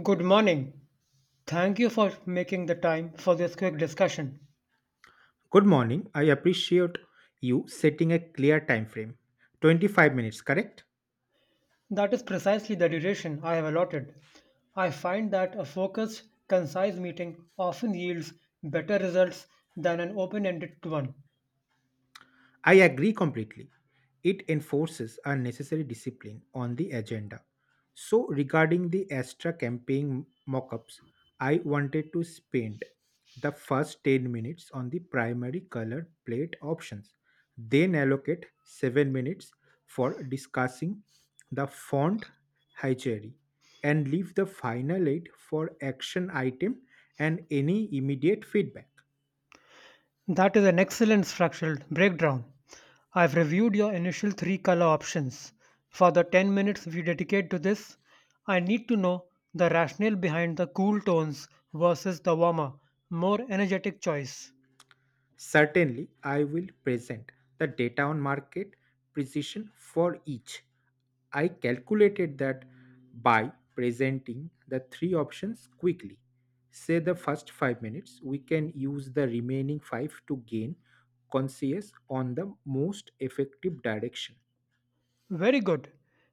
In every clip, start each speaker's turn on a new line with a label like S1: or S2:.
S1: Good morning. Thank you for making the time for this quick discussion.
S2: Good morning. I appreciate you setting a clear time frame. 25 minutes, correct?
S1: That is precisely the duration I have allotted. I find that a focused, concise meeting often yields better results than an open ended one.
S2: I agree completely. It enforces a necessary discipline on the agenda. So, regarding the Astra campaign mock ups, I wanted to spend the first 10 minutes on the primary color plate options, then allocate 7 minutes for discussing the font hierarchy, and leave the final 8 for action item and any immediate feedback.
S1: That is an excellent structured breakdown. I've reviewed your initial three color options. For the 10 minutes we dedicate to this, I need to know the rationale behind the cool tones versus the warmer, more energetic choice.
S2: Certainly, I will present the data on market precision for each. I calculated that by presenting the three options quickly. Say the first 5 minutes, we can use the remaining five to gain conscious on the most effective direction.
S1: Very good.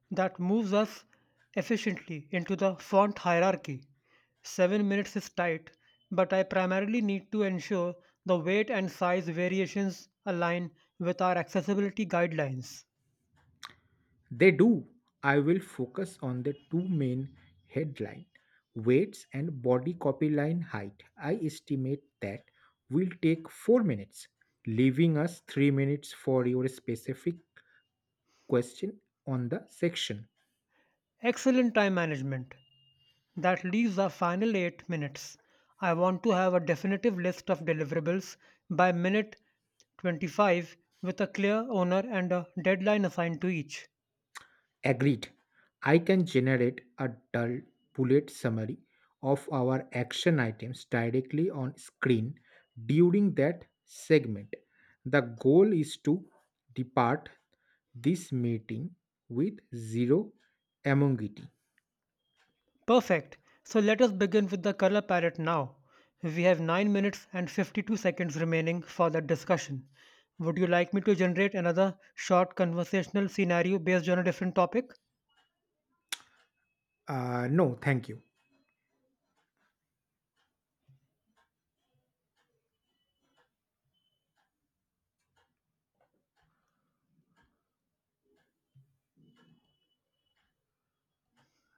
S1: That moves us efficiently into the font hierarchy. 7 minutes is tight, but I primarily need to ensure the weight and size variations align with our accessibility guidelines.
S2: They do. I will focus on the two main headline weights and body copy line height. I estimate that will take 4 minutes, leaving us 3 minutes for your specific question on the section.
S1: Excellent time management. That leaves our final 8 minutes. I want to have a definitive list of deliverables by minute 25 with a clear owner and a deadline assigned to each.
S2: Agreed. I can generate a dull bullet summary of our action items directly on screen during that segment. The goal is to depart this meeting with zero ambiguity.
S1: Perfect. So let us begin with the color palette now. We have 9 minutes and 52 seconds remaining for that discussion. Would you like me to generate another short conversational scenario based on a different topic?
S2: No, thank you.